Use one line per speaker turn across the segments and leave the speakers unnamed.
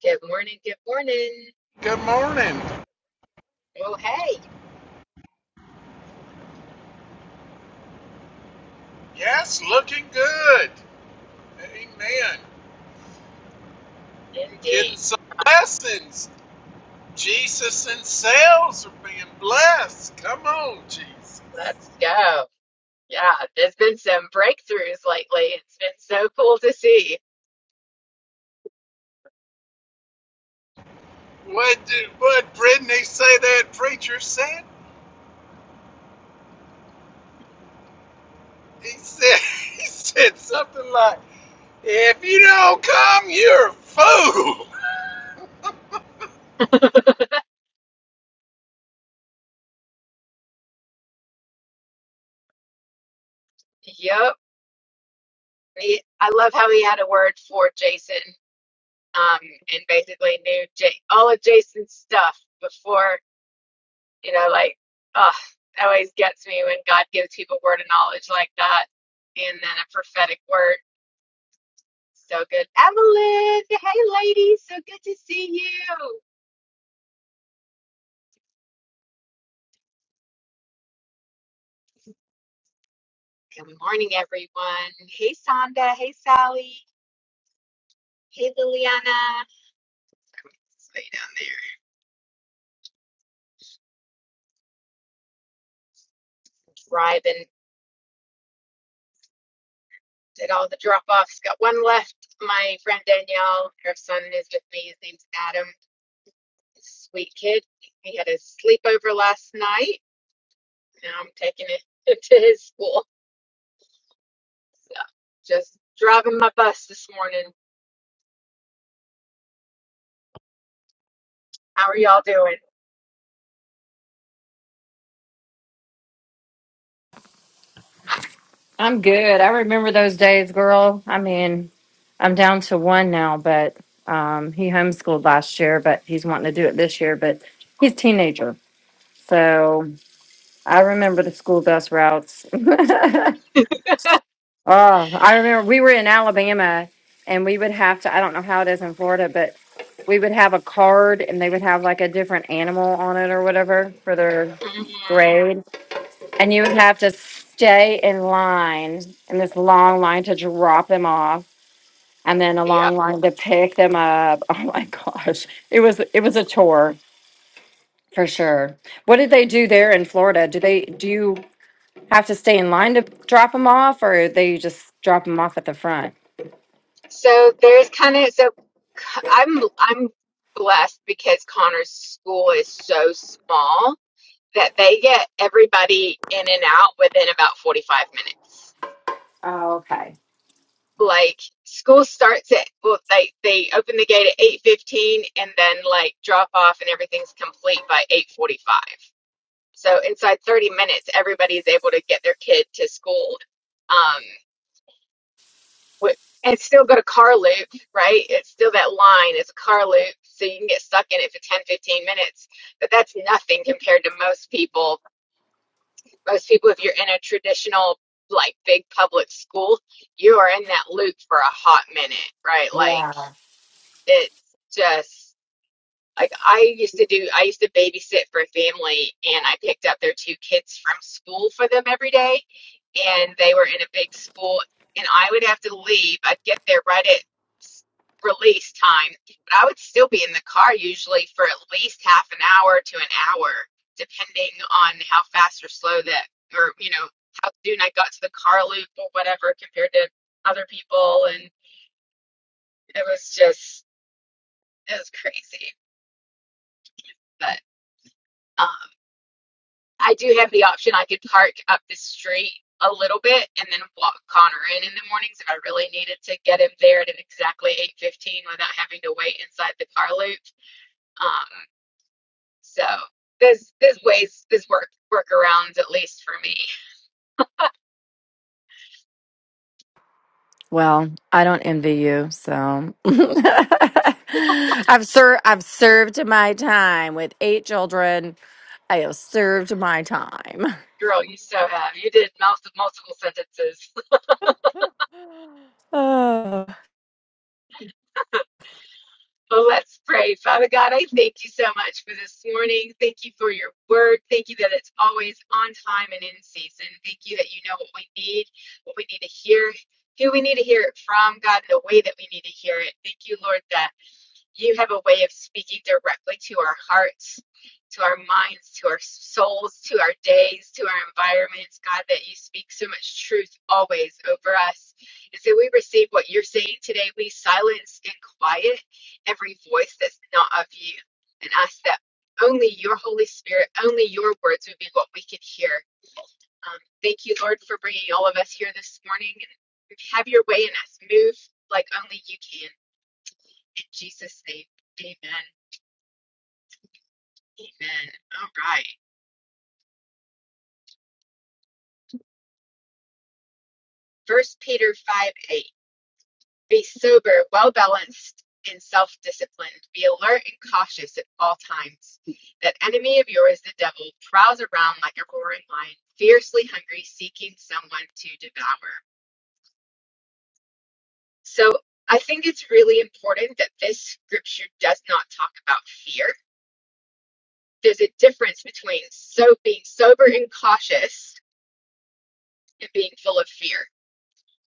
Good morning. Good morning.
Good morning.
Oh, hey,
Yes, looking good. Amen.
indeed.
Getting some blessings. Jesus and sales are being blessed. Come on, Jesus.
Let's go. Yeah, there's been some breakthroughs lately. It's been so cool to see.
What did what Brittany say that preacher said? He said he said something like, "If you don't come, you're a fool."
Yep. He, I love how he had a word for Jason, um, and basically knew J all of Jason's stuff before, you know, like, oh, that always gets me when God gives people a word of knowledge like that, and then a prophetic word. So good. Evelyn, hey lady, so good to see you. Good morning, everyone. Hey, Sonda. Hey, Sally. Hey, Liliana. Stay down there. Driving. Did all the drop offs. Got one left. My friend Danielle, her son is with me. His name's Adam. He's a sweet kid. He had a sleepover last night. Now I'm taking it to his school. So just driving my bus this morning. How are y'all doing?
I'm good. I remember those days, girl. I mean, I'm down to one now, but um, he homeschooled last year, but he's wanting to do it this year. But he's a teenager, so I remember the school bus routes. oh, I remember we were in Alabama, and we would have to. I don't know how it is in Florida, but we would have a card, and they would have like a different animal on it or whatever for their
Mhm.
grade. And you would have to stay in line in this long line to drop them off and then a long line to pick them up. Oh my gosh. It was it was a tour for sure. What did they do there in Florida? Do they do you have to stay in line to drop them off or they just drop them off at the front?
So there's kind of so c- I'm I'm blessed because Connor's school is so small that they get everybody in and out within about 45 minutes.
Oh, okay.
Like school starts at well they they open the gate at 8:15 and then like drop off and everything's complete by 8:45. So inside 30 minutes everybody's able to get their kid to school. Um Wh- and it's still got a car loop, right? It's still that line. It's a car loop. So you can get stuck in it for 10, 15 minutes. But that's nothing compared to most people. Most people, if you're in a traditional, like big public school, you are in that loop for a hot minute, right? Like
Yeah.
it's just like I used to do, I used to babysit for a family and I picked up their two kids from school for them every day. And they were in a big school and I would have to leave. I'd get there right at s- release time, but I would still be in the car usually for at least half an hour to an hour, depending on how fast or slow that, or, you know, how soon I got to the car loop or whatever compared to other people. And it was just, it was crazy. But, um, I do have the option. I could park up the street a little bit and then walk Connor in in the mornings if I really needed to get him there at exactly 8:15 without having to wait inside the car loop. Um, so there's there's ways there's work workarounds at least for me.
Well, I don't envy you, so I've ser- I've served my time with eight children. I have served my time.
Girl, you so have you did multiple multiple sentences.
Oh.
Well, let's pray. Father God, I thank you so much for this morning. Thank you for your word. Thank you that it's always on time and in season. Thank you that you know what we need, what we need to hear, who we need to hear it from, God, in the way that we need to hear it. Thank you, Lord, that you have a way of speaking directly to our hearts, to our minds, to our souls, to our days, to our environments. God, that you speak so much truth always over us. And so we receive what you're saying today. We silence and quiet every voice that's not of you and ask that only your Holy Spirit, only your words would be what we can hear. Um, thank you, Lord, for bringing all of us here this morning. Have your way in us. Move like only you can. In Jesus' name, amen. Amen. All right. First Peter 5 8. Be sober, well balanced, and self disciplined. Be alert and cautious at all times. That enemy of yours, the devil, prowls around like a roaring lion, fiercely hungry, seeking someone to devour. So I think it's really important that this scripture does not talk about fear. There's a difference between so being sober and cautious and being full of fear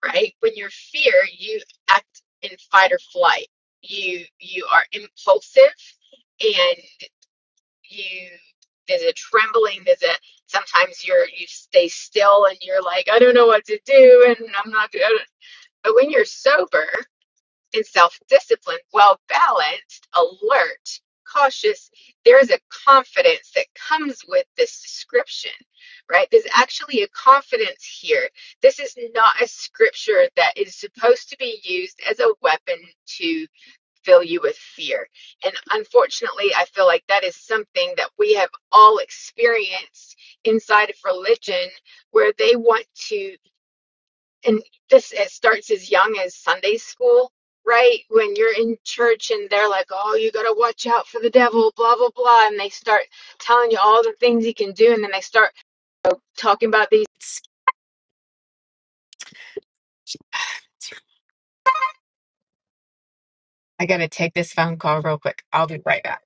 right? When you're fear, you act in fight or flight. You you are impulsive and you there's a trembling, there's a sometimes you're you stay still and you're like, I don't know what to do and I'm not But when you're sober and self disciplined well balanced, alert, cautious, there is a confidence that comes with this description, right? There's actually a confidence here. This is not a scripture that is supposed to be used as a weapon to fill you with fear. And unfortunately, I feel like that is something that we have all experienced inside of religion where they want to and this it starts as young as Sunday school, right? When you're in church and they're like, "Oh, you got to watch out for the devil," blah blah blah, and they start telling you all the things he can do, and then they start uh, talking about these. I gotta take this phone call real quick. I'll be right back.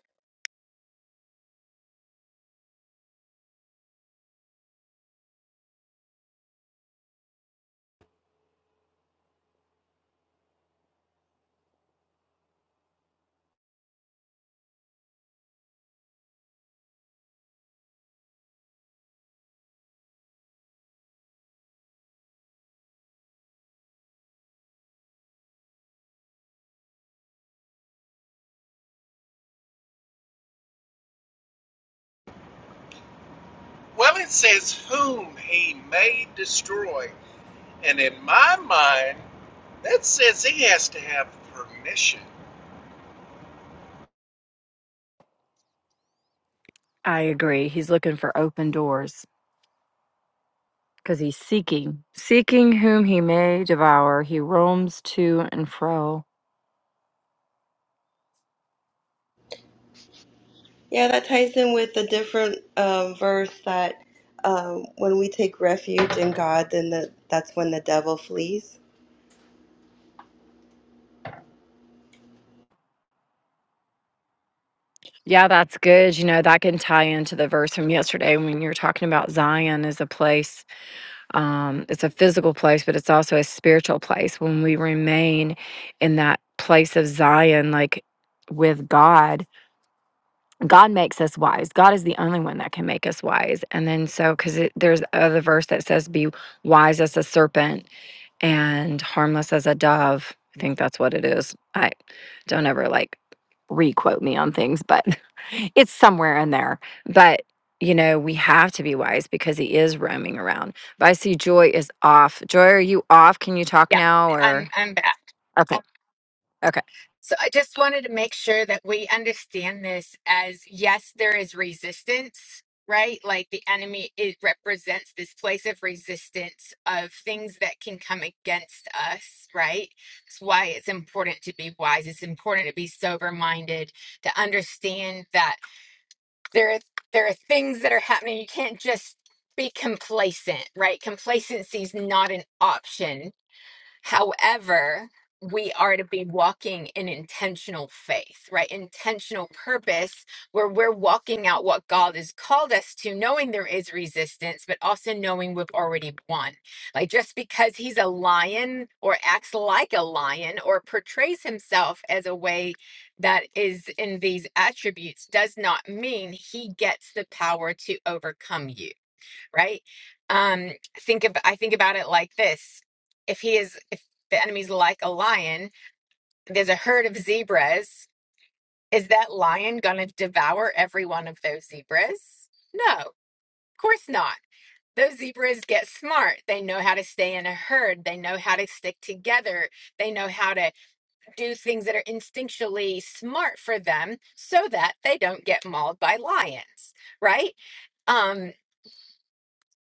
Well, it says whom he may destroy, and in my mind, that says he has to have permission.
I agree. He's looking for open doors because he's seeking, seeking whom he may devour. He roams to and fro.
Yeah, that ties in with the different um, verse that um, when we take refuge in God, then the, that's when the devil flees.
Yeah, that's good. You know, that can tie into the verse from yesterday when you were talking about Zion as a place um, it's a physical place, but it's also a spiritual place. When we remain in that place of Zion, like with God, God makes us wise. God is the only one that can make us wise. And then so, because there's other verse that says, "Be wise as a serpent and harmless as a dove." I think that's what it is. I don't ever like re-quote me on things, but it's somewhere in there. But you know, we have to be wise because he is roaming around. But I see Joy is off. Joy, are you off? Can you talk
Yeah,
now
I'm
or
I'm back.
okay. Okay.
So I just wanted to make sure that we understand this as yes, there is resistance, right? Like the enemy, it represents this place of resistance of things that can come against us, right? It's why it's important to be wise. It's important to be sober minded, to understand that there are, there are things that are happening. You can't just be complacent, right? Complacency is not an option However, we are to be walking in intentional faith, right? Intentional purpose, where we're walking out what God has called us to, knowing there is resistance, but also knowing we've already won. Like just because he's a lion or acts like a lion or portrays himself as a way that is in these attributes does not mean he gets the power to overcome you right? Um, think of I think about it like this: if he is, if the enemy's like a lion, there's a herd of zebras. Is that lion going to devour every one of those zebras? No, of course not. Those zebras get smart. They know how to stay in a herd. They know how to stick together. They know how to do things that are instinctually smart for them so that they don't get mauled by lions, right? Um,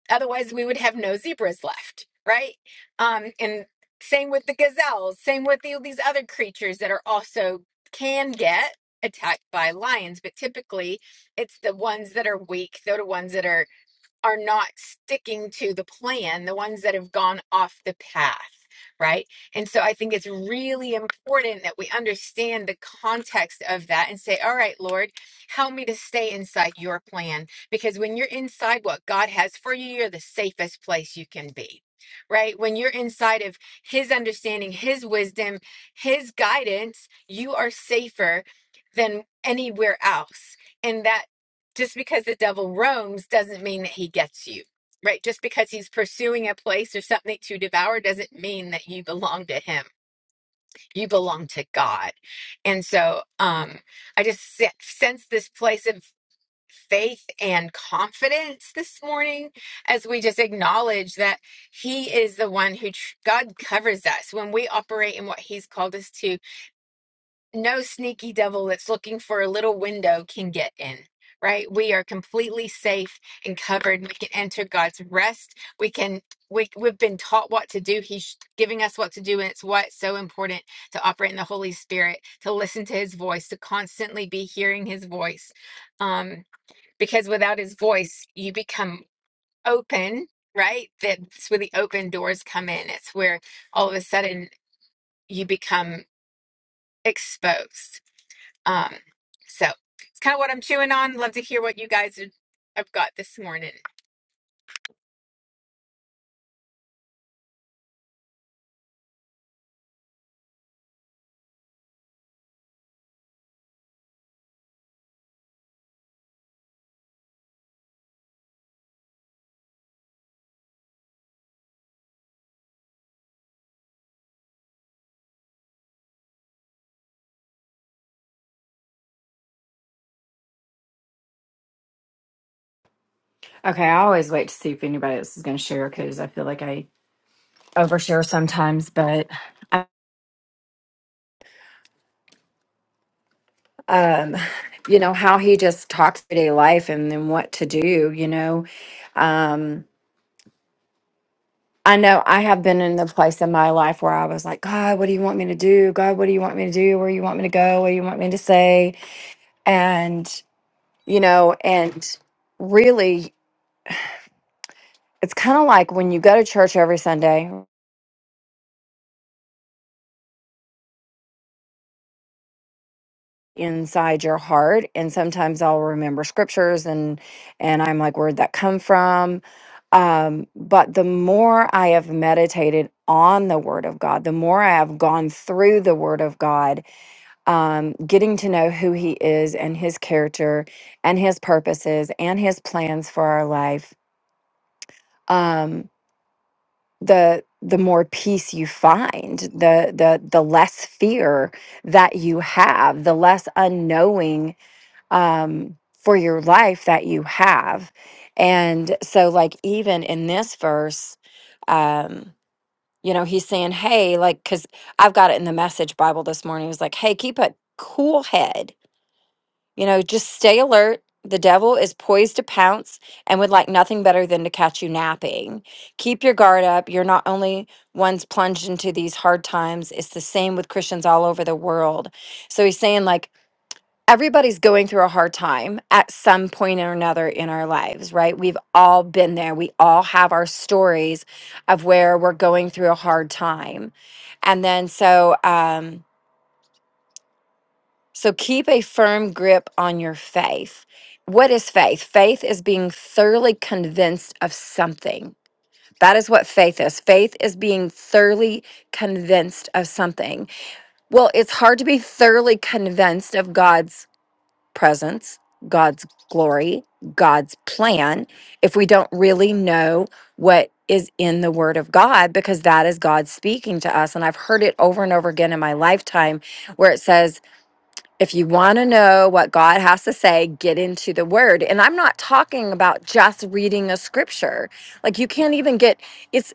Otherwise, we would have no zebras left, right? Um, and same with the gazelles, same with the, these other creatures that are also can get attacked by lions, but typically it's the ones that are weak, they're the ones that are are not sticking to the plan, the ones that have gone off the path, right? And so I think it's really important that we understand the context of that and say, all right, Lord, help me to stay inside your plan. Because when you're inside what God has for you, you're the safest place you can be. Right? When you're inside of his understanding, his wisdom, his guidance, you are safer than anywhere else. And that just because the devil roams doesn't mean that he gets you, right? Just because he's pursuing a place or something to devour doesn't mean that you belong to him. You belong to God. And so um, I just se- sense this place of faith and confidence this morning as we just acknowledge that he is the one who tr- God covers us when we operate in what he's called us to no sneaky devil that's looking for a little window can get in, right? We are completely safe and covered. We can enter God's rest. We can, we, we've been taught what to do. He's giving us what to do. And it's why it's so important to operate in the Holy Spirit, to listen to his voice, to constantly be hearing his voice. Um, because without his voice, you become open, right? That's where the open doors come in. It's where all of a sudden you become exposed um, so it's kind of what I'm chewing on. Love to hear what you guys have have got this morning.
Okay, I always wait to see if anybody else is going to share because I feel like I overshare sometimes, but Um, you know, how he just talks everyday life and then what to do, you know. Um I know I have been in the place in my life where I was like, God, what do you want me to do? God, what do you want me to do? Where you want me to go? What do you want me to say? And, you know, and really, it's kind of like when you go to church every Sunday inside your heart and sometimes I'll remember scriptures and and I'm like where'd that come from um but the more I have meditated on the word of God the more I have gone through the word of God um, getting to know who he is and his character and his purposes and his plans for our life, um, the the more peace you find, the the the less fear that you have, the less unknowing um, for your life that you have, and so like even in this verse. Um, you know, he's saying, Hey, like, because I've got it in the message Bible this morning. It was like, Hey, keep a cool head You know, just stay alert. The devil is poised to pounce and would like nothing better than to catch you napping. Keep your guard up. You're not only ones plunged into these hard times, it's the same with Christians all over the world. So he's saying, like, everybody's going through a hard time at some point or another in our lives, right? We've all been there. We all have our stories of where we're going through a hard time. And then so, um, so keep a firm grip on your faith. What is faith? Faith is being thoroughly convinced of something. That is what faith is. Faith is being thoroughly convinced of something. Well, it's hard to be thoroughly convinced of God's presence, God's glory, God's plan if we don't really know what is in the word of God because that is God speaking to us and I've heard it over and over again in my lifetime where it says if you want to know what God has to say, get into the word. And I'm not talking about just reading a scripture. Like you can't even get it's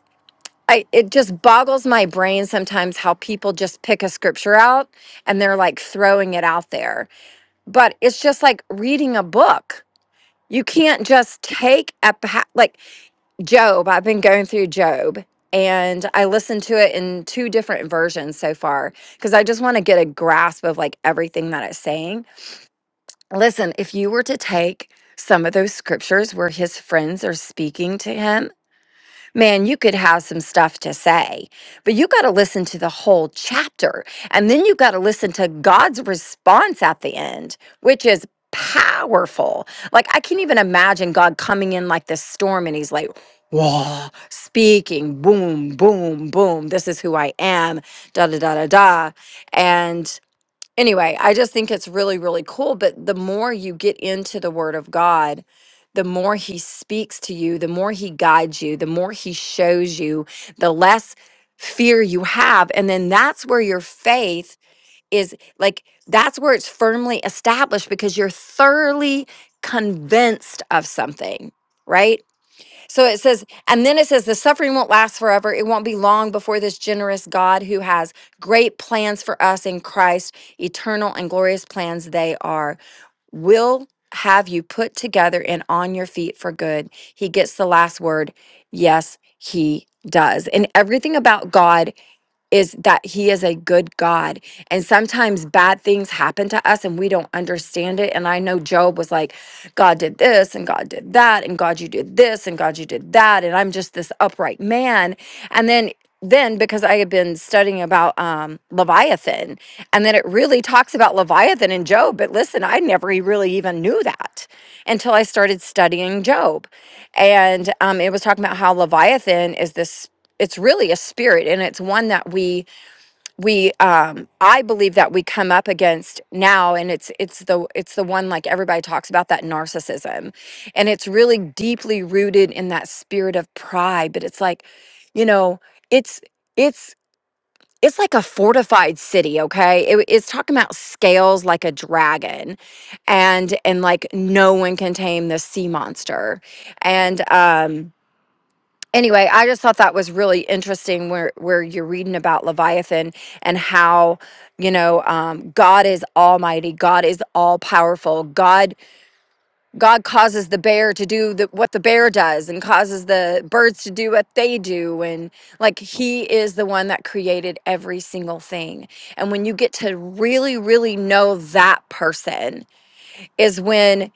I it just boggles my brain sometimes how people just pick a scripture out and they're like throwing it out there. But it's just like reading a book. You can't just take a pa- like Job. I've been going through Job and I listened to it in two different versions so far because I just want to get a grasp of like everything that it's saying Listen, if you were to take some of those scriptures where his friends are speaking to him, man, you could have some stuff to say, but you got to listen to the whole chapter. And then you got to listen to God's response at the end, which is powerful. Like, I can't even imagine God coming in like this storm and he's like, Whoa, speaking, boom, boom, boom. This is who I am, da da da da da. and anyway, I just think it's really, really cool. But the more you get into the Word of God, the more He speaks to you, the more He guides you, the more He shows you, the less fear you have. And then that's where your faith is like, that's where it's firmly established because you're thoroughly convinced of something. Right? So it says, and then it says, the suffering won't last forever. It won't be long before this generous God who has great plans for us in Christ, eternal and glorious plans they are, will have you put together and on your feet for good. He gets the last word. Yes, he does. And everything about God is that he is a good God. And sometimes bad things happen to us and we don't understand it. And I know Job was like, God did this and God did that and God you did this and God you did that and I'm just this upright man. And then then because I had been studying about um Leviathan and then it really talks about Leviathan and Job, but listen, I never e- really even knew that until I started studying Job. And um it was talking about how Leviathan is this it's really a spirit and it's one that we we um i believe that we come up against now and it's it's the it's the one like everybody talks about that narcissism and it's really deeply rooted in that spirit of pride but it's like you know it's it's it's like a fortified city okay it, it's talking about scales like a dragon and and like no one can tame this sea monster and um anyway, I just thought that was really interesting where where you're reading about Leviathan and how you know um, God is Almighty, God is all powerful. God God causes the bear to do the, what the bear does and causes the birds to do what they do, and like He is the one that created every single thing. And when you get to really really know that person is when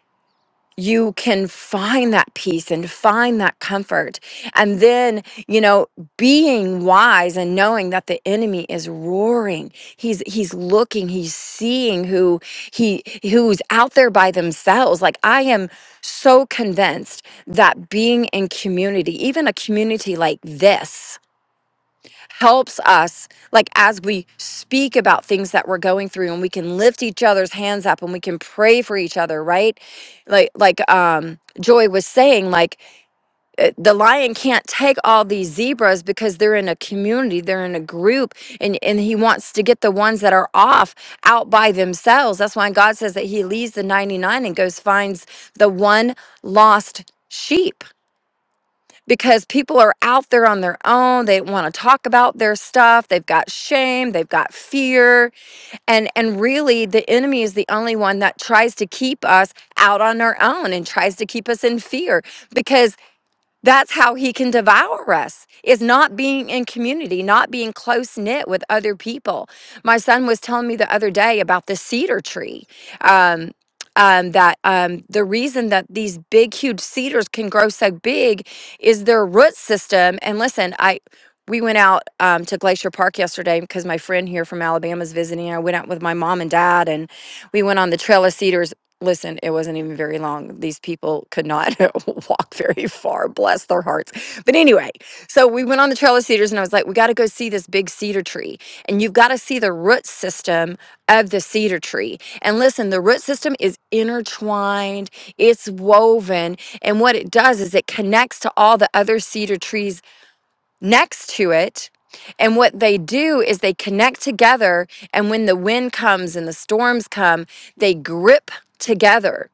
you can find that peace and find that comfort. And then, you know, being wise and knowing that the enemy is roaring. He's he's looking, he's seeing who he who's out there by themselves. Like I am so convinced that being in community, even a community like this, helps us like as we speak about things that we're going through and we can lift each other's hands up and we can pray for each other right like like um joy was saying like uh, the lion can't take all these zebras because they're in a community they're in a group and and he wants to get the ones that are off out by themselves that's why god says that he leaves the 99 and goes finds the one lost sheep because people are out there on their own. They want to talk about their stuff. They've got shame, they've got fear. And and really the enemy is the only one that tries to keep us out on our own and tries to keep us in fear because that's how he can devour us, is not being in community, not being close knit with other people. My son was telling me the other day about the cedar tree. Um, um, that um, the reason that these big, huge cedars can grow so big is their root system. And listen, I we went out um, to Glacier Park yesterday because my friend here from Alabama is visiting. I went out with my mom and dad, and we went on the Trail of Cedars. Listen, it wasn't even very long. These people could not. walk very far, bless their hearts. But anyway, so we went on the Trail of Cedars and I was like, we got to go see this big cedar tree. And you've got to see the root system of the cedar tree. And listen, the root system is intertwined, it's woven. And what it does is it connects to all the other cedar trees next to it. And what they do is they connect together. And when the wind comes and the storms come, they grip together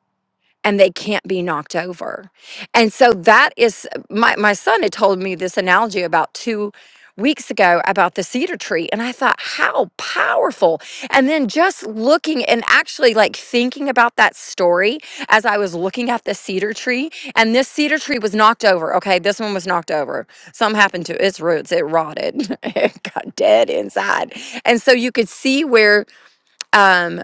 and they can't be knocked over. And so that is uh, my my son had told me this analogy about 2 weeks ago about the cedar tree and I thought how powerful. And then just looking and actually like thinking about that story as I was looking at the cedar tree and this cedar tree was knocked over. Okay, this one was knocked over. Something happened to its roots. It rotted. it got dead inside. And so you could see where um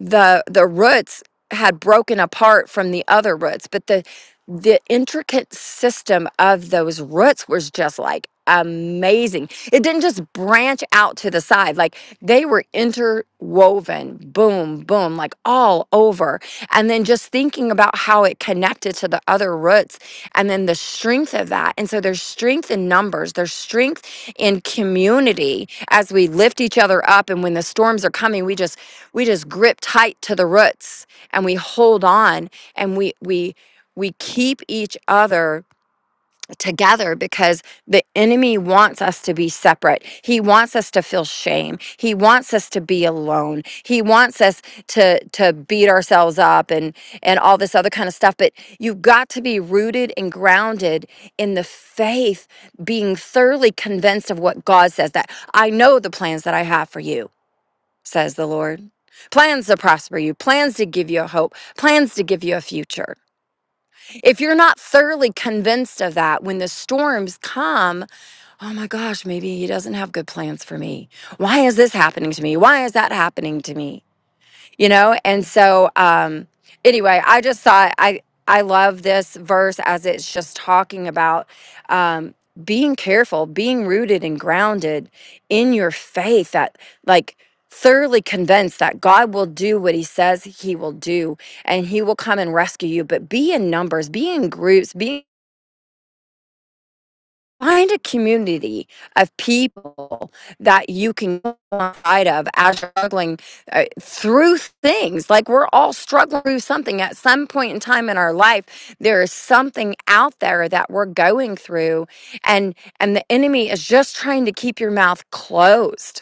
the the roots had broken apart from the other roots but the the intricate system of those roots was just like amazing it didn't just branch out to the side like they were interwoven boom boom like all over and. And then just thinking about how it connected to the other roots and then the strength of that. And so there's strength in numbers, there's strength in community as we lift each other up. And when the storms are coming, we just we just grip tight to the roots and we hold on and we we we keep each other together because the enemy wants us to be separate. He wants us to feel shame. He wants us to be alone. He wants us to to beat ourselves up and and all this other kind of stuff, but you've got to be rooted and grounded in the faith, being thoroughly convinced of what God says that I know the plans that I have for you, says the Lord. Plans to prosper you, plans to give you a hope, plans to give you a future if you're not thoroughly convinced of that, when the storms come, oh my gosh, maybe he doesn't have good plans for me. Why is this happening to me? Why is that happening to me? you know and so um anyway i just thought i i love this verse as it's just talking about um being careful being rooted and grounded in your faith that like thoroughly convinced that god will do what he says he will do and he will come and rescue you but be in numbers be in groups be find a community of people that you can go inside of as you're struggling uh, through things like we're all struggling through something at some point in time in our life there is something out there that we're going through and and the enemy is just trying to keep your mouth closed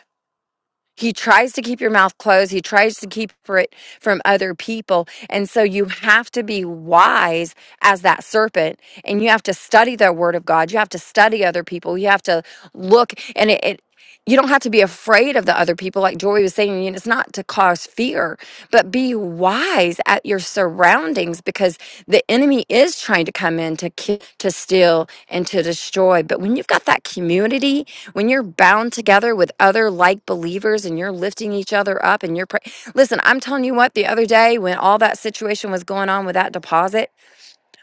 he tries to keep your mouth closed. He tries to keep for it from other people. And so you have to be wise as that serpent and you have to study the word of God. You have to study other people. You have to look and it, it you don't have to be afraid of the other people like Joy was saying. And it's not to cause fear, but be wise at your surroundings because the enemy is trying to come in to kill, to steal and to destroy. But when you've got that community when you're bound together with other like believers and you're lifting each other up and you're pray- listen i'm telling you what the other day when all that situation was going on with that deposit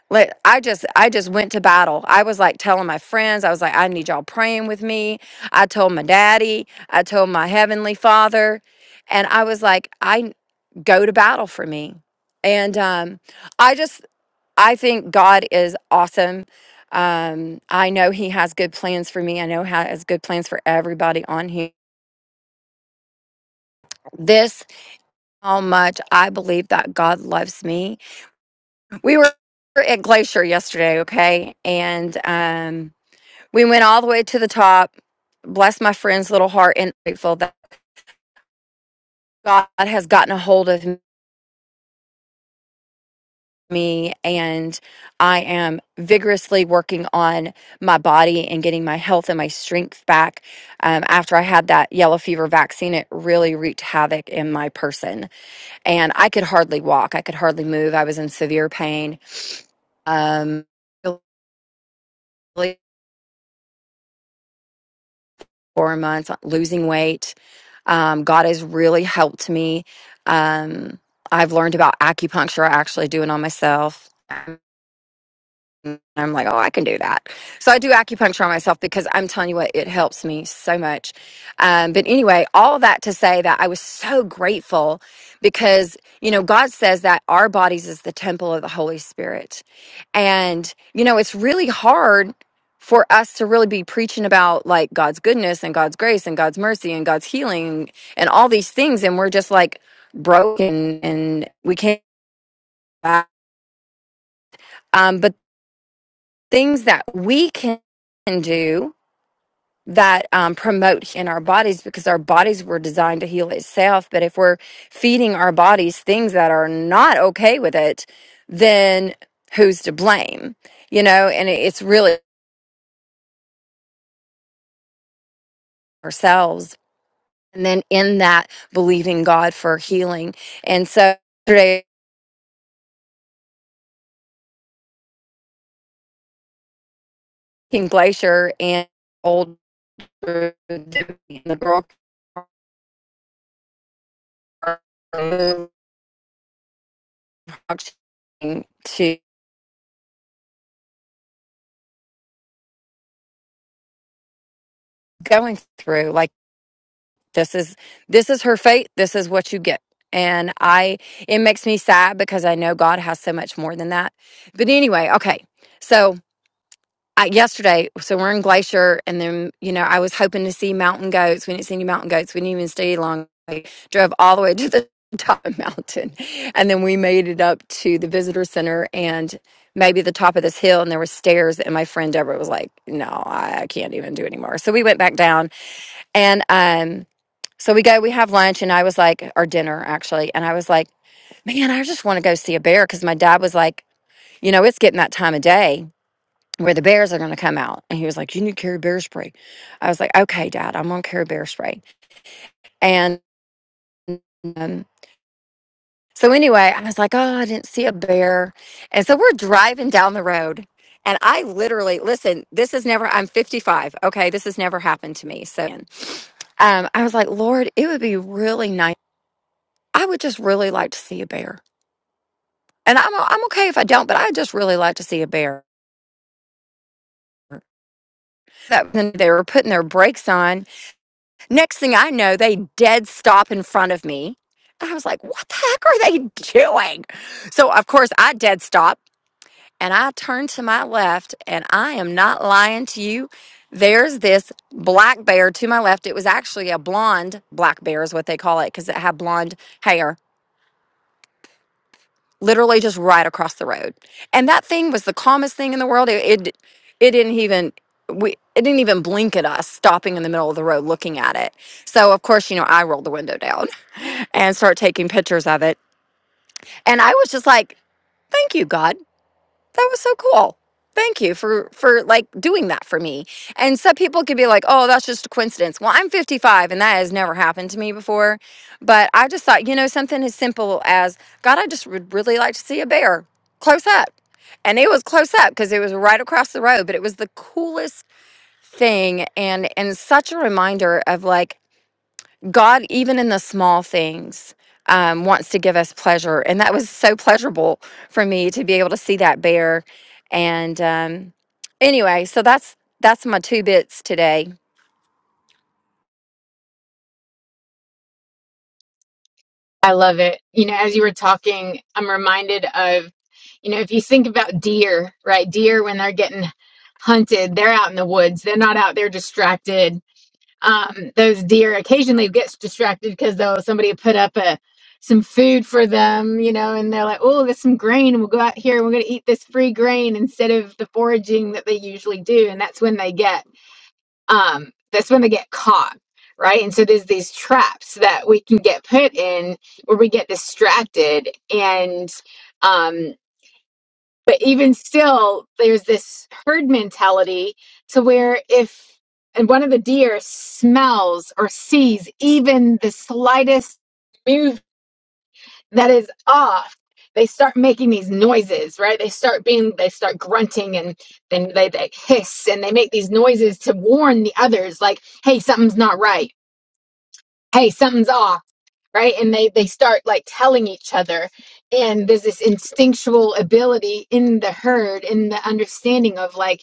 like i just i just went to battle i was like telling my friends i was like i need y'all praying with me i told my daddy i told my heavenly father and i was like i go to battle for me and um, i just I think God is awesome. Um, I know He has good plans for me. I know He has good plans for everybody on here. This, how much I believe that God loves me. We were at Glacier yesterday, okay? And um, we went all the way to the top. Bless my friend's little heart and grateful that God has gotten a hold of me me and I am vigorously working on my body and getting my health and my strength back. Um, after I had that yellow fever vaccine, it really wreaked havoc in my person. And I could hardly walk, I could hardly move. I was in severe pain. Um, really four months losing weight. Um, God has really helped me. Um, I've learned about acupuncture. I actually do it on myself And I'm like, oh, I can do that. So I do acupuncture on myself because I'm telling you what, it helps me so much. Um, but anyway, all that to say that I was so grateful because, you know, God says that our bodies is the temple of the Holy Spirit. And, you know, it's really hard for us to really be preaching about like God's goodness and God's grace and God's mercy and God's healing and all these things. And we're just like broken and we can't. Um, but things that we can do that um, promote in our bodies because our bodies were designed to heal itself. But if we're feeding our bodies things that are not okay with it, then who's to blame? You know, and it- it's really ourselves. And then in that, believing God for healing. And so today, in Glacier and old the girl are to going through like this is this is her fate this is what you get and i it makes me sad because i know god has so much more than that but anyway okay so I, yesterday so we're in glacier and then you know i was hoping to see mountain goats we didn't see any mountain goats we didn't even stay long we drove all the way to the top of the mountain and then we made it up to the visitor center and maybe the top of this hill and there were stairs and my friend deborah was like no i I can't even do anymore so we went back down and um so we go, we have lunch, and I was like, or dinner actually. And I was like, man, I just want to go see a bear because my dad was like, you know, it's getting that time of day where the bears are going to come out. And he was like, you need to carry bear spray. I was like, okay, dad, I'm going to carry bear spray. And um, so anyway, I was like, oh, I didn't see a bear. And so we're driving down the road. And I literally, listen, this is never, I'm 55. Okay. This has never happened to me. So um, I was like, Lord, it would be really nice. I would just really like to see a bear. And I'm I'm okay if I don't, but I just really like to see a bear. That when they were putting their brakes on. Next thing I know, they dead stop in front of me. And I was like, what the heck are they doing? So of course I dead stop and I turn to my left and I am not lying to you. There's this black bear to my left. It was actually a blonde black bear is what they call it because it had blonde hair literally just right across the road. And that thing was the calmest thing in the world. It it, it didn't even we it didn't even blink at us stopping in the middle of the road looking at it. So of course, you know, I rolled the window down and started taking pictures of it. And I was just like, "Thank you, God that was so cool. Thank you for for like doing that for me. And some people could be like, "Oh, that's just a coincidence." Well, I'm 55 and that has never happened to me before, but I just thought, you know, something as simple as, "God, I just would really like to see a bear close up." And it was close up because it was right across the road, but it was the coolest thing and and such a reminder of like God, even in the small things, um, wants to give us pleasure. And that was so pleasurable for me to be able to see that bear. And um, anyway, so that's that's my two bits today.
I love it. You know, as you were talking, I'm reminded of, you know, if you think about deer, right? Deer, when they're getting hunted, they're out in the woods. They're not out there distracted. Um, those deer occasionally gets distracted because though somebody put up a some food for them, you know, and they're like, "Oh, there's some grain. We'll go out here and we're going to eat this free grain instead of the foraging that they usually do." And that's when they get. um, that's when they get caught, right? And so there's these traps that we can get put in where we get distracted, and um, but even still, there's this herd mentality to where if and one of the deer smells or sees even the slightest move that is off they start making these noises right they start being they start grunting and then they, they hiss and they make these noises to warn the others like hey something's not right hey something's off right and they they start like telling each other and there's this instinctual ability in the herd in the understanding of like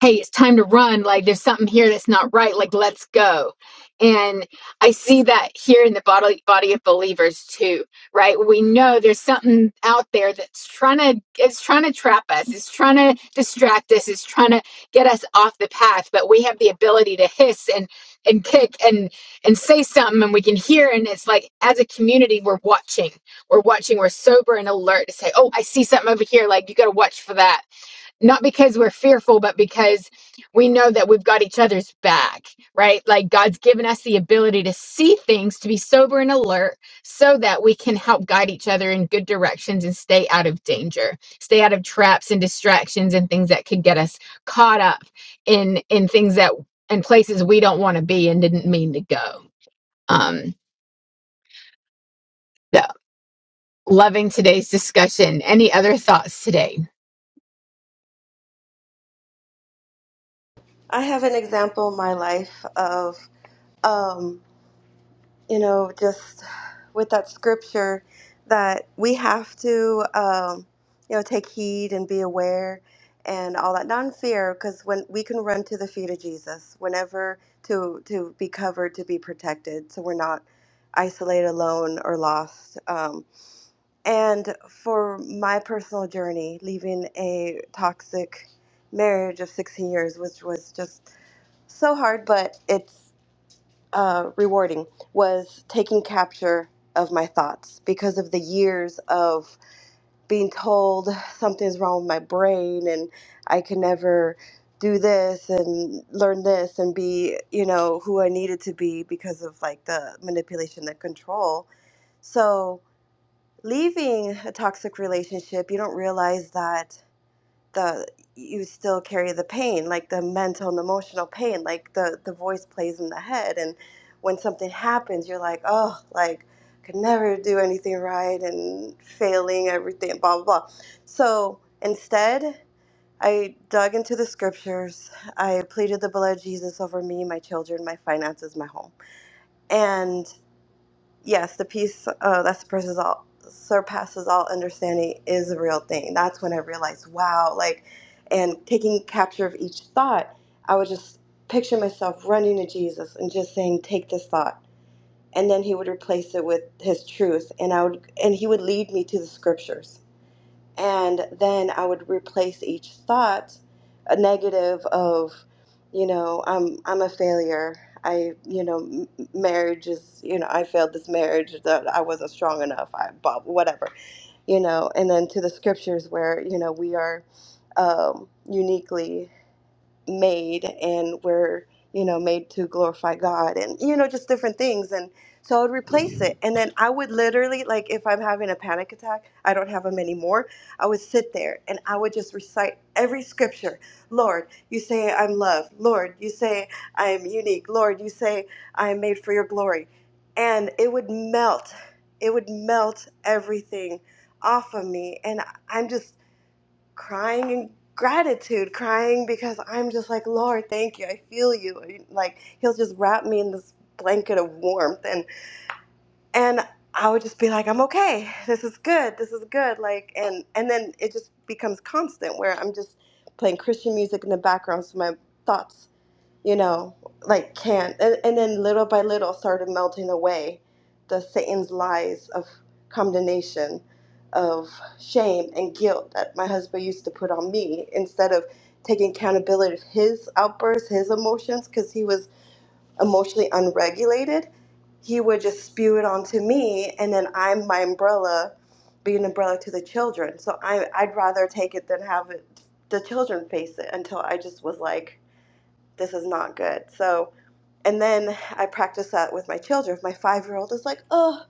hey, it's time to run. Like, there's something here that's not right. Like, let's go. And I see that here in the body, body of believers too, right? We know there's something out there that's trying to, it's trying to trap us. It's trying to distract us. It's trying to get us off the path, but we have the ability to hiss and, and kick and, and say something and we can hear. And it's like, as a community, we're watching, we're watching, we're sober and alert to say, Oh, I see something over here. Like you got to watch for that not because we're fearful, but because we know that we've got each other's back, right? Like God's given us the ability to see things, to be sober and alert, so that we can help guide each other in good directions and stay out of danger, stay out of traps and distractions and things that could get us caught up in in things that in places we don't want to be and didn't mean to go. Um, so Loving today's discussion. Any other thoughts today?
I have an example in my life of, um, you know, just with that scripture that we have to, um, you know, take heed and be aware and all that non-fear because when we can run to the feet of jesus whenever to to be covered to be protected so we're not isolated alone or lost Um, And for my personal journey, leaving a toxic marriage of 16 years, which was just so hard, but it's uh, rewarding, was taking capture of my thoughts because of the years of being told something's wrong with my brain and I can never do this and learn this and be, you know, who I needed to be because of like the manipulation, the control. So, leaving a toxic relationship, you don't realize that the you still carry the pain, like the mental and emotional pain, like the the voice plays in the head, and when something happens, you're like, oh, like I could never do anything right and failing everything, blah blah blah. So instead, I dug into the scriptures. I pleaded the blood of Jesus over me, my children, my finances, my home, and yes, the peace uh, that surpasses all surpasses all understanding is a real thing. That's when I realized, wow, like, and taking capture of each thought, I would just picture myself running to Jesus and just saying, "Take this thought," and then He would replace it with His truth, and I would, and He would lead me to the Scriptures and then I would replace each thought a negative of you know I'm I'm a failure I you know m- marriage is you know I failed this marriage that I wasn't strong enough I blah, whatever you know and then to the scriptures where you know we are um, uniquely made and we're you know made to glorify god and you know just different things and so i would replace it and then i would literally like if i'm having a panic attack i don't have them anymore i would sit there and i would just recite every scripture lord you say i'm loved lord you say i am unique lord you say i am made for your glory and it would melt it would melt everything off of me and i'm just crying in gratitude, crying because I'm just like, Lord, thank you. I feel you. Like he'll just wrap me in this blanket of warmth and and I would just be like, I'm okay. This is good. This is good. Like and and then it just becomes constant where I'm just playing Christian music in the background so my thoughts you know, like can't. And, and then little by little started melting away the Satan's lies of condemnation, of shame and guilt that my husband used to put on me instead of taking accountability of his outbursts, his emotions, because he was emotionally unregulated. He would just spew it onto me, and then I'm my umbrella, be an umbrella to the children. So I, I'd rather take it than have it, the children face it until I just was like, this is not good. So, and then I practice that with my children. If my five year old is like, oh,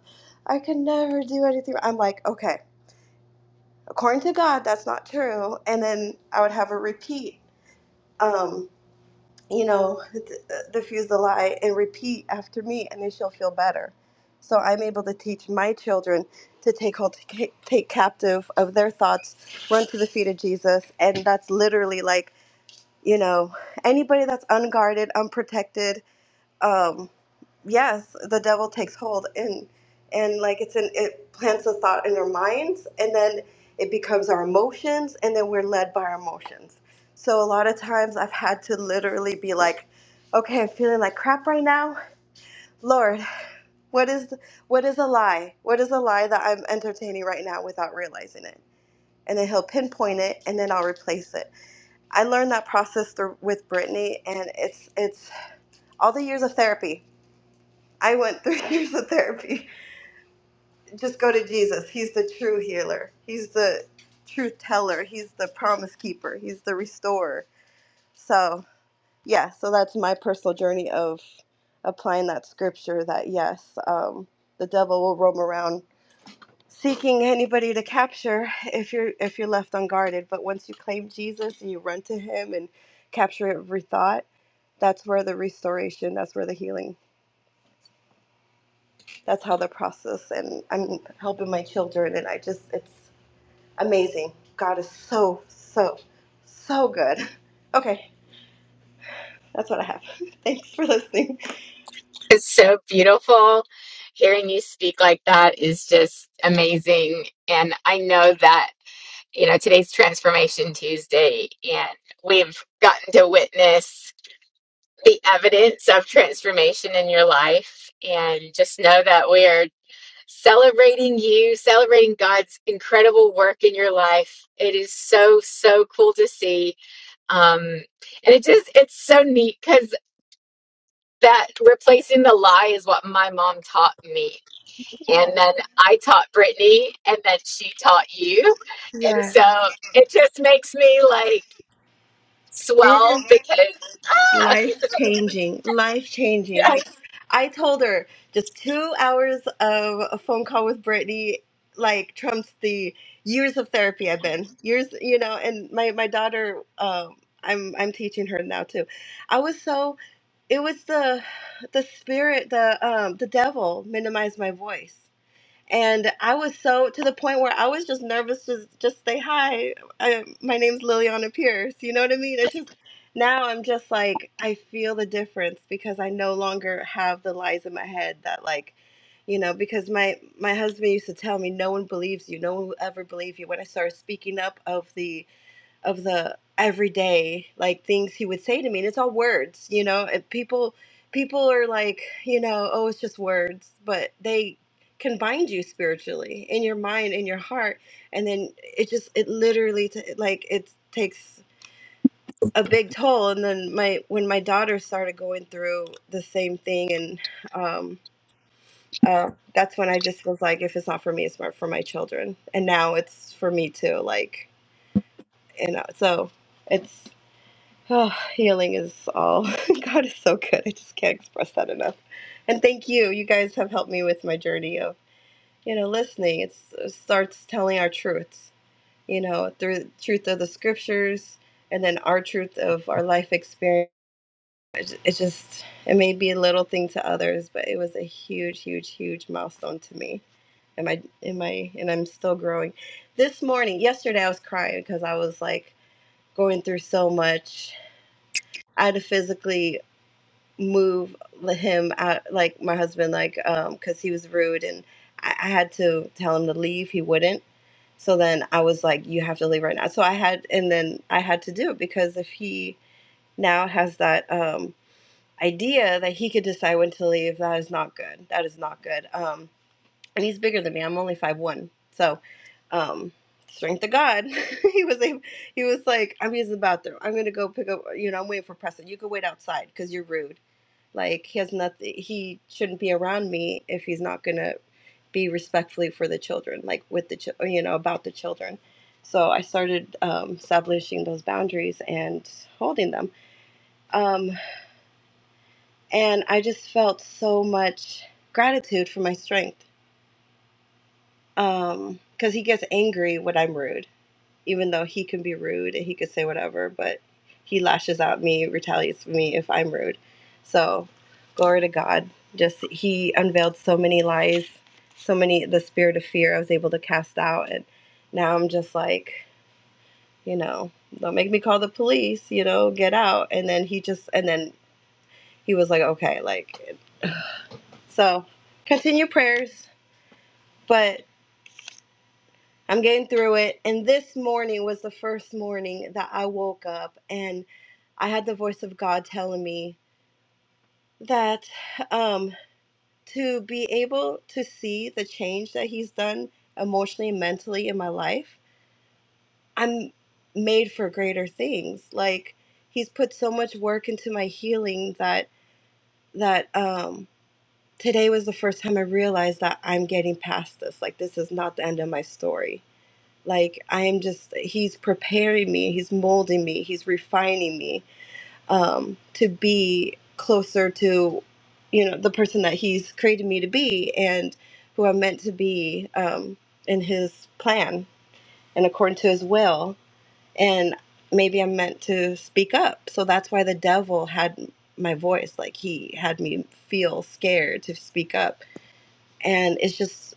I can never do anything, I'm like, okay, according to God, that's not true. And then I would have her repeat, um, you know, th- diffuse the lie and repeat after me, and then she'll feel better. So I'm able to teach my children to take hold, take take captive of their thoughts, run to the feet of Jesus, and that's literally like, you know, anybody that's unguarded, unprotected, um, yes, the devil takes hold and and like it's an it plants a thought in our minds and then it becomes our emotions and then we're led by our emotions. So a lot of times I've had to literally be like, okay, I'm feeling like crap right now. Lord, what is what is a lie? What is a lie that I'm entertaining right now without realizing it? And then he'll pinpoint it and then I'll replace it. I learned that process through with Brittany and it's it's all the years of therapy I went through years of therapy. Just go to Jesus. He's the true healer. He's the truth teller. He's the promise keeper. He's the restorer. So, yeah, so that's my personal journey of applying that scripture that, yes, um, the devil will roam around seeking anybody to capture if you're if you're left unguarded but once you claim jesus and you run to him and capture every thought that's where the restoration that's where the healing that's how the process and I'm helping my children and I just it's amazing. God is so so so good. Okay, that's what I have. Thanks for listening.
It's so beautiful. Hearing you speak like that is just amazing. And I know that, you know, today's Transformation Tuesday, and we've gotten to witness. the evidence of transformation in your life. And just know that we are celebrating you, celebrating God's incredible work in your life. It is so, so cool to see. Um, and it just, it's so neat because that replacing the lie is what my mom taught me.
Yeah.
And then I taught Brittany, and then she taught you. And
yeah.
so it just makes me like
it is.
swell because, ah!
life changing, life changing.
yes.
Like I told her, just two hours of a phone call with Brittany like trumps the years of therapy I've been years, you know. And my my daughter, um, I'm I'm teaching her now too. I was so it was the the spirit, the um, the devil minimized my voice and I was so to the point where I was just nervous to just say hi. I, my name's Liliana Pierce. You know what I mean? It's just now I'm just like I feel the difference because I no longer have the lies in my head that like, you know, because my my husband used to tell me no one believes you, no one will ever believe you. When I started speaking up of the of the everyday like things he would say to me and it's all words you know and people people are like you know oh it's just words but they can bind you spiritually in your mind in your heart and then it just it literally t- like it takes a big toll and then my when my daughter started going through the same thing and um uh, that's when I just was like, if it's not for me, it's not for my children. And now it's for me too. Like, you know, so it's Oh, healing is all. God is so good. I just can't express that enough. And thank you. You guys have helped me with my journey of, you know, listening. It's, it starts telling our truths, you know, through the truth of the scriptures and then our truth of our life experience. It it just, it may be a little thing to others, but it was a huge, huge, huge milestone to me. Am I, am I, and I'm still growing. This morning, yesterday, I was crying because I was like going through so much. I had to physically move him out like my husband like um because he was rude and I, I had to tell him to leave he wouldn't so then i was like you have to leave right now so i had and then i had to do it because if he now has that um idea that he could decide when to leave that is not good that is not good um and he's bigger than me i'm only five one so um strength of god he was a he was like i'm using the bathroom i'm gonna go pick up you know i'm waiting for preston you can wait outside because you're rude like he has nothing. He shouldn't be around me if he's not gonna be respectfully for the children, like with the chil- you know about the children. So I started um, establishing those boundaries and holding them, um, and I just felt so much gratitude for my strength Um, 'cause because he gets angry when I'm rude even though he can be rude and he could say whatever, but he lashes out at me, retaliates with me if I'm rude. So, glory to God. Just he unveiled so many lies, so many the spirit of fear I was able to cast out, and now I'm just like, you know, don't make me call the police, you know, get out. And then he just, and then he was like, okay, like, so continue prayers, but. I'm getting through it. And this morning was the first morning that I woke up and I had the voice of God telling me that um, to be able to see the change that He's done emotionally and mentally in my life, I'm made for greater things. Like He's put so much work into my healing that that um, today was the first time I realized that I'm getting past this. Like this is not the end of my story like i am just he's preparing me he's molding me he's refining me um, to be closer to you know the person that he's created me to be and who i'm meant to be um, in his plan and according to his will and maybe i'm meant to speak up so that's why the devil had my voice like he had me feel scared to speak up and it's just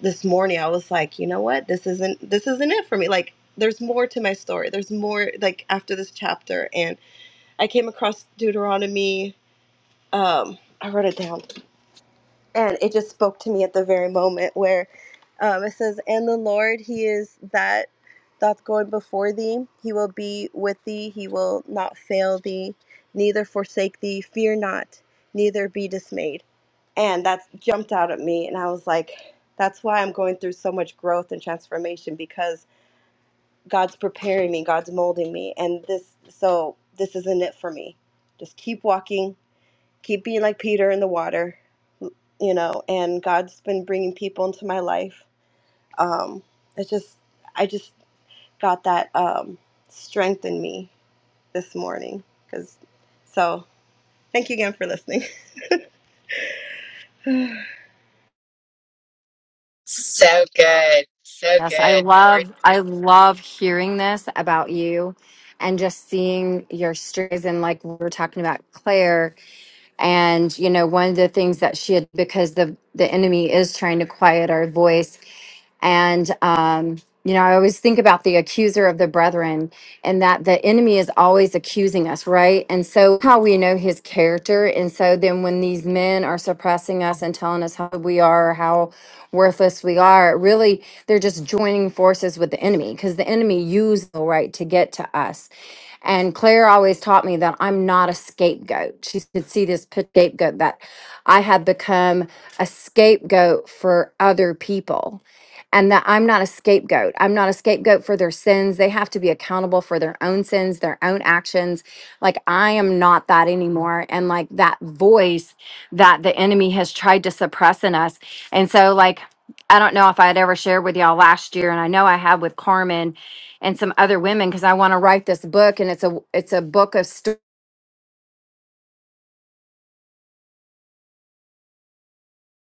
this morning i was like you know what this isn't this isn't it for me like there's more to my story there's more like after this chapter and i came across deuteronomy um i wrote it down and it just spoke to me at the very moment where um, it says, "And the Lord, He is that doth go before thee. He will be with thee. He will not fail thee, neither forsake thee. Fear not, neither be dismayed." And that jumped out at me, and I was like, "That's why I'm going through so much growth and transformation because God's preparing me, God's molding me, and this so this isn't it for me. Just keep walking, keep being like Peter in the water, you know, and God's been bringing people into my life. Um, it's just, I just got that um, strength in me this morning. Cause, so thank you again for listening. that
So good. So
Yes, I
good. Lord,
love I love hearing this about you and just seeing your stories and like we were talking about Claire and you know one of the things that she had because the the enemy is trying to quiet our voice And, um, you know, I always think about the accuser of the brethren and that the enemy is always accusing us, right? And so, how we know his character. And so, then when these men are suppressing us and telling us how we are or how worthless we are, really, they're just joining forces with the enemy because the enemy used the right to get to us. And Claire always taught me that I'm not a scapegoat. She could see this p- scapegoat that I had become a scapegoat for other people and that I'm not a scapegoat. I'm not a scapegoat for their sins. They have to be accountable for their own sins, their own actions. Like I am not that anymore. And like that voice that the enemy has tried to suppress in us. And so, like, I don't know if I had ever shared with y'all last year, and I know I have with Carmen and some other women because I want to write this book, and it's a it's a book of stories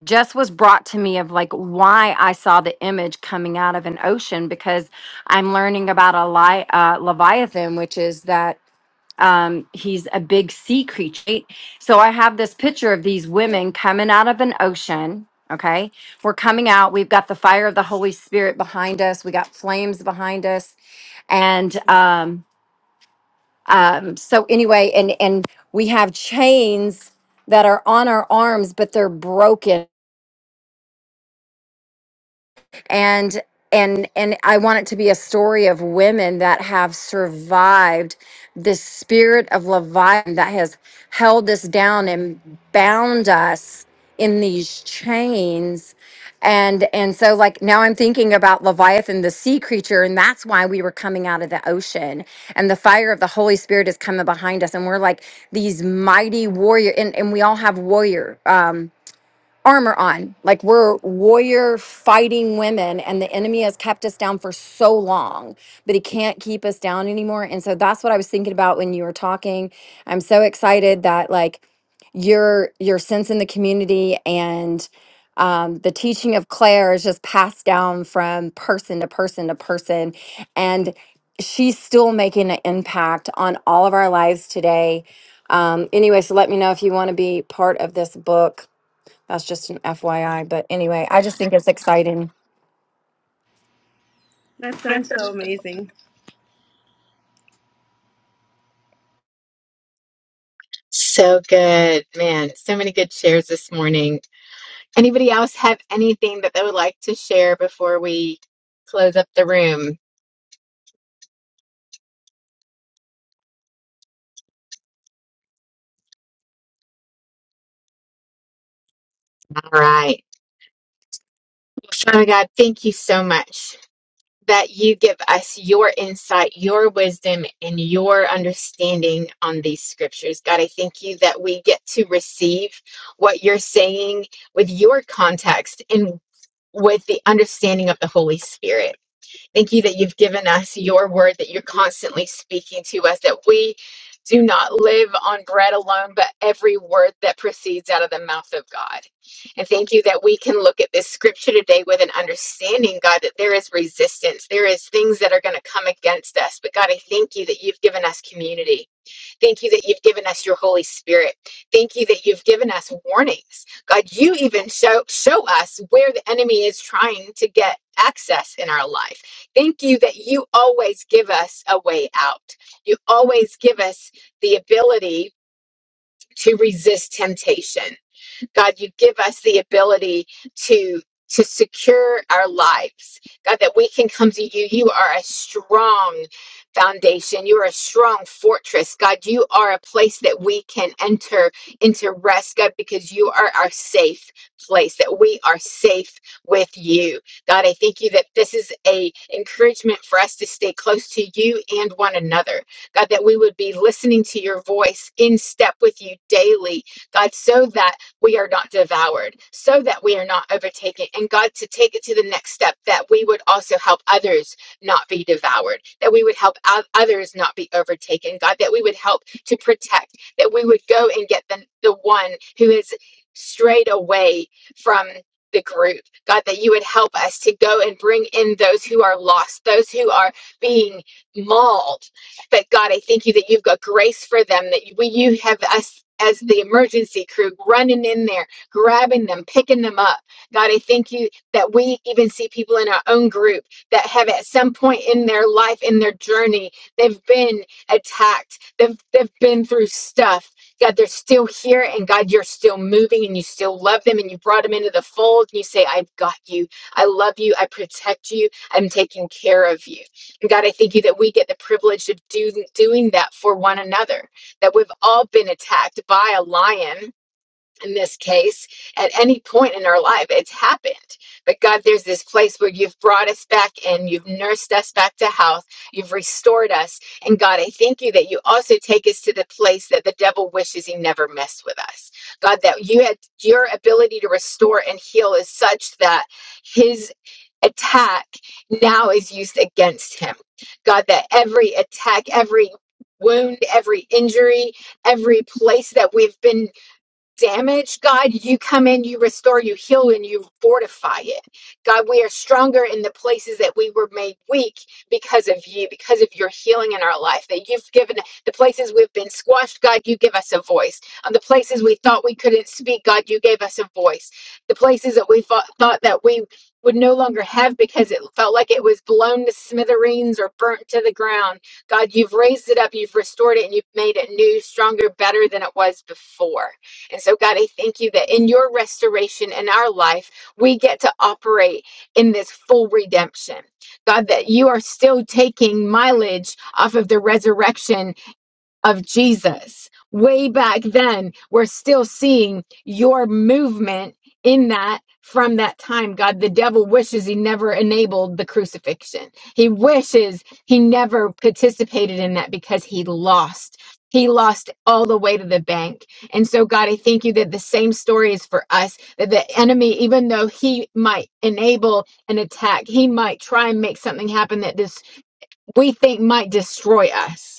just was brought to me of like why I saw the image coming out of an ocean because I'm learning about a li- uh, leviathan, which is that um, he's a big sea creature. right? So I have this picture of these women coming out of an ocean. Okay, we're coming out. We've got the fire of the Holy Spirit behind us. We got flames behind us, and um, um, so anyway, and and we have chains that are on our arms, but they're broken and and and I want it to be a story of women that have survived this spirit of Leviathan that has held us down and bound us in these chains. And and so like now I'm thinking about Leviathan, the sea creature, and that's why we were coming out of the ocean. And the fire of the Holy Spirit is coming behind us. And we're like these mighty warrior, and, and we all have warrior. Um armor on. Like we're warrior fighting women, and the enemy has kept us down for so long, but he can't keep us down anymore. And so that's what I was thinking about when you were talking. I'm so excited that like your your sense in the community and um, the teaching of Claire is just passed down from person to person to person, and she's still making an impact on all of our lives today. Um, anyway, so let me know if you want to be part of this book that's just an FYI. But anyway, I just think it's exciting.
sounds so amazing.
So good. Man, so many good shares this morning. Anybody else have anything that they would like to share before we close up the room? All right. Well, Father God, thank you so much that you give us your insight, your wisdom, and your understanding on these scriptures. God, I thank you that we get to receive what you're saying with your context and with the understanding of the Holy Spirit. Thank you that you've given us your word, that you're constantly speaking to us, that we do not live on bread alone, but every word that proceeds out of the mouth of God. And thank you that we can look at this scripture today with an understanding, God, that there is resistance, there is things that are going to come against us. But God, I thank you that you've given us community. Thank you that you've given us your Holy Spirit. Thank you that you've given us warnings. God, you even show, show us where the enemy is trying to get access in our life. Thank you that you always give us a way out. You always give us the ability to resist temptation. God, you give us the ability to to secure our lives. God, that we can come to you. You are a strong foundation. You are a strong fortress. God, you are a place that we can enter into rest, God, because you are our safe place, that we are safe with you. God, I thank you that this is a encouragement for us to stay close to you and one another. God, that we would be listening to your voice in step with you daily. God, so that we are not devoured, so that we are not overtaken. And God, to take it to the next step, that we would also help others not be devoured, that we would help o- others not be overtaken. God, that we would help to protect, that we would go and get the, the one who has strayed away from the group. God, that you would help us to go and bring in those who are lost, those who are being mauled but God, I thank you that you've got grace for them, that you, you have us as the emergency crew running in there, grabbing them, picking them up. God, I thank you that we even see people in our own group that have at some point in their life, in their journey, they've been attacked, they've, they've been through stuff. God, they're still here, and God, you're still moving, and you still love them, and you brought them into the fold. And you say, "I've got you. I love you. I protect you. I'm taking care of you." And God, I thank you that we get the privilege of do, doing that for one another, that we've all been attacked by a lion in this case at any point in our life it's happened but god there's this place where you've brought us back in you've nursed us back to health you've restored us and god i thank you that you also take us to the place that the devil wishes he never messed with us god that you had your ability to restore and heal is such that his attack now is used against him god that every attack every wound every injury every place that we've been damage, God, you come in, you restore, you heal, and you fortify it. God, we are stronger in the places that we were made weak because of you, because of your healing in our life. That you've given the places we've been squashed, God, you give us a voice. On the places we thought we couldn't speak, God, you gave us a voice. The places that we thought, thought that we would no longer have because it felt like it was blown to smithereens or burnt to the ground. God, you've raised it up, you've restored it, and you've made it new, stronger, better than it was before. And so, God, I thank you that in your restoration in our life, we get to operate in this full redemption. God, that you are still taking mileage off of the resurrection of Jesus way back then. We're still seeing your movement in that from that time. God, the devil wishes he never enabled the crucifixion. He wishes he never participated in that because he lost. He lost all the way to the bank. And so, God, I thank you that the same story is for us that the enemy, even though he might enable an attack, he might try and make something happen that this we think might destroy us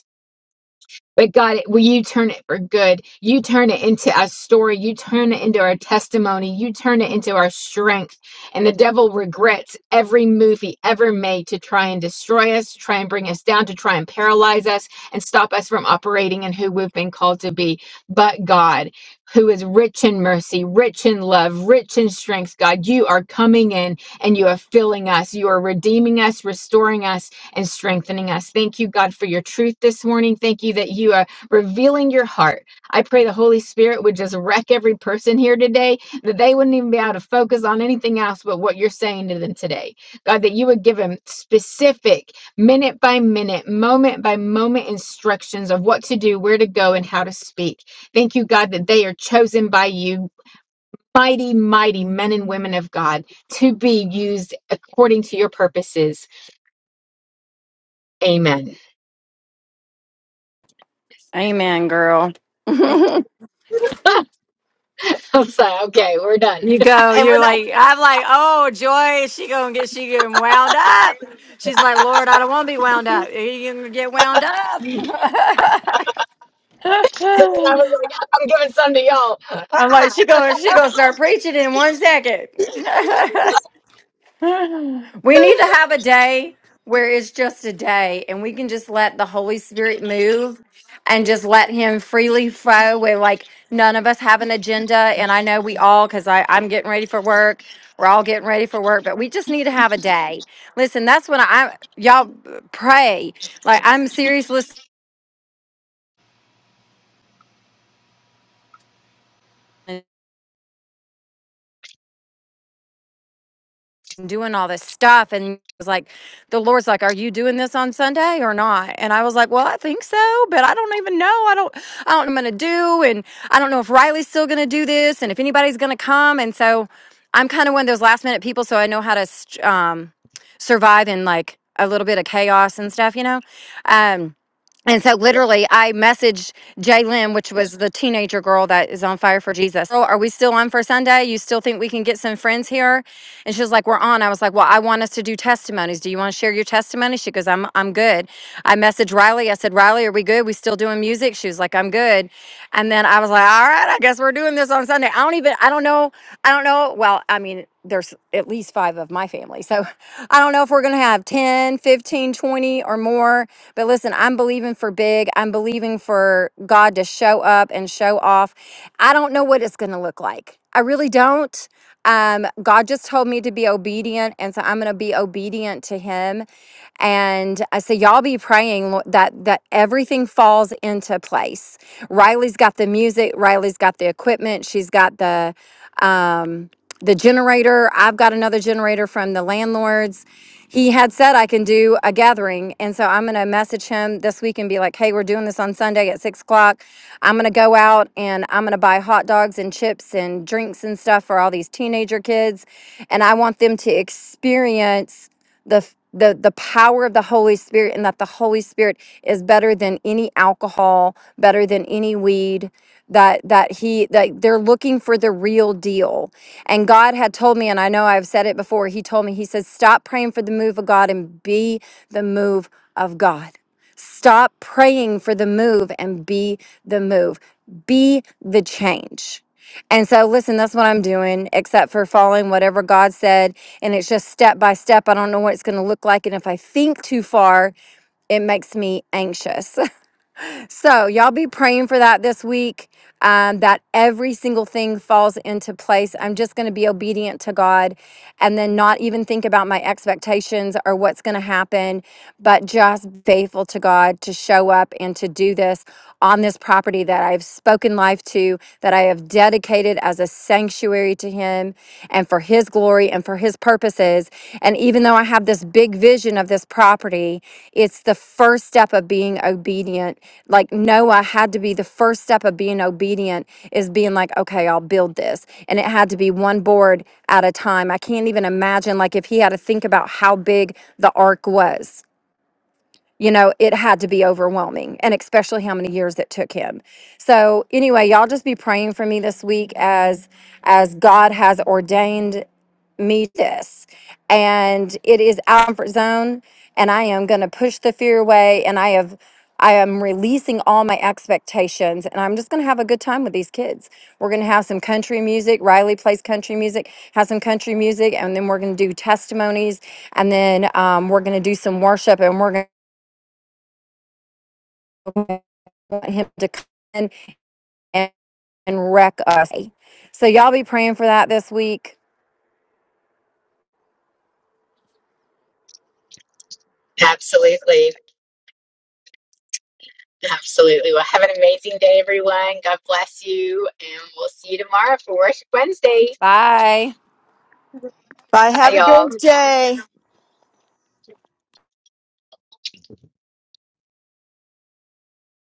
but God, will you turn it for good? You turn it into our story. You turn it into our testimony. You turn it into our strength. And the devil regrets every move he ever made to try and destroy us, to try and bring us down, to try and paralyze us and stop us from operating in who we've been called to be. But God, who is rich in mercy, rich in love, rich in strength, God, you are coming in and you are filling us. You are redeeming us, restoring us, and strengthening us. Thank you, God, for your truth this morning. Thank you that you are revealing your heart. I pray the Holy Spirit would just wreck every person here today, that they wouldn't even be able to focus on anything else but what you're saying to them today. God, that you would give them specific, minute by minute, moment by moment instructions of what to do, where to go, and how to speak. Thank you, God, that they are chosen by you. Mighty, mighty men and women of God to be used according to your purposes. Amen.
Amen, girl.
Thank
I was like, okay, we're done.
You
and
go,
we're
you're
done.
like, I'm like, oh, Joy, she gonna get, she getting wound up. She's like, Lord, I don't want to be wound
you,
up. Are you gonna get wound up?
So then I was like, I'm giving some to y'all.
I'm like,
Ah.
she gonna, she gonna start preaching in one second. We need to have a day where it's just a day and we can just let the Holy Spirit move and just let him freely flow where like none of us have an agenda. And I know we all, because I'm getting ready for work. We're all getting ready for work, but we just need to have a day. Listen, that's when I y'all pray. Like I'm serious listening. and doing all this stuff. And it was like, the Lord's like, are you doing this on Sunday or not? And I was like, well, I think so, but I don't even know. I don't, I don't know what I'm going to do. And I don't know if Riley's still going to do this and if anybody's going to come. And so I'm kind of one of those last minute people. So I know how to, st- um, survive in like a little bit of chaos and stuff, you know? Um, and so literally I messaged Jalen, which was the teenager girl that is on fire for Jesus. Girl, are we still on for Sunday? You still think we can get some friends here? And she was like, We're on. I was like, Well, I want us to do testimonies. Do you want to share your testimony? She goes, I'm I'm good. I messaged Riley. I said, Riley, are we good? We still doing music? She was like, I'm good. And then I was like, All right, I guess we're doing this on Sunday. I don't even I don't know. I don't know. Well, I mean, there's at least five of my family. So I don't know if we're going to have 10, 15, 20, or more. But listen, I'm believing for big. I'm believing for God to show up and show off. I don't know what it's going to look like. I really don't. Um, God just told me to be obedient. And so I'm going to be obedient to Him. And I say, y'all be praying Lord, that that everything falls into place. Riley's got the music. Riley's got the equipment. She's got the. Um, the generator i've got another generator from the landlords he had said i can do a gathering and so i'm going to message him this week and be like hey we're doing this on sunday at six o'clock i'm going to go out and i'm going to buy hot dogs and chips and drinks and stuff for all these teenager kids and i want them to experience the f- the, the power of the Holy Spirit, and that the Holy Spirit is better than any alcohol, better than any weed. That that he that they're looking for the real deal and God had told me, and I know I've said it before, He told me, He says, stop praying for the move of God and be the move of God. Stop praying for the move and be the move. Be the change. And so, listen, that's what I'm doing, except for following whatever God said. And it's just step by step. I don't know what it's going to look like. And if I think too far, it makes me anxious. So, y'all be praying for that this week, um, that every single thing falls into place. I'm just going to be obedient to God and then not even think about my expectations or what's going to happen, but just faithful to God to show up and to do this on this property that I've spoken life to, that I have dedicated as a sanctuary to Him and for His. His glory and for His purposes. And even though I have this big vision of this property, it's the first step of being obedient. Like Noah had to be the first step of being obedient is being like, okay, I'll build this. And it had to be one board at a time. I can't even imagine, like, if he had to think about how big the ark was you know it had to be overwhelming and especially how many years it took him so anyway y'all just be praying for me this week as as god has ordained me this and it is out of my comfort zone and i am going to push the fear away and i have i am releasing all my expectations and i'm just going to have a good time with these kids we're going to have some country music riley plays country music has some country music and then we're going to do testimonies and then um, we're going to do some worship and we're going to want him to come in and, and wreck us. So y'all be praying for that this week.
Absolutely. Absolutely. Well, have an amazing day, everyone. God bless you. And we'll see you tomorrow for Worship Wednesday.
Bye.
Bye.
Bye,
Have
everyone.
a
y'all.
great day.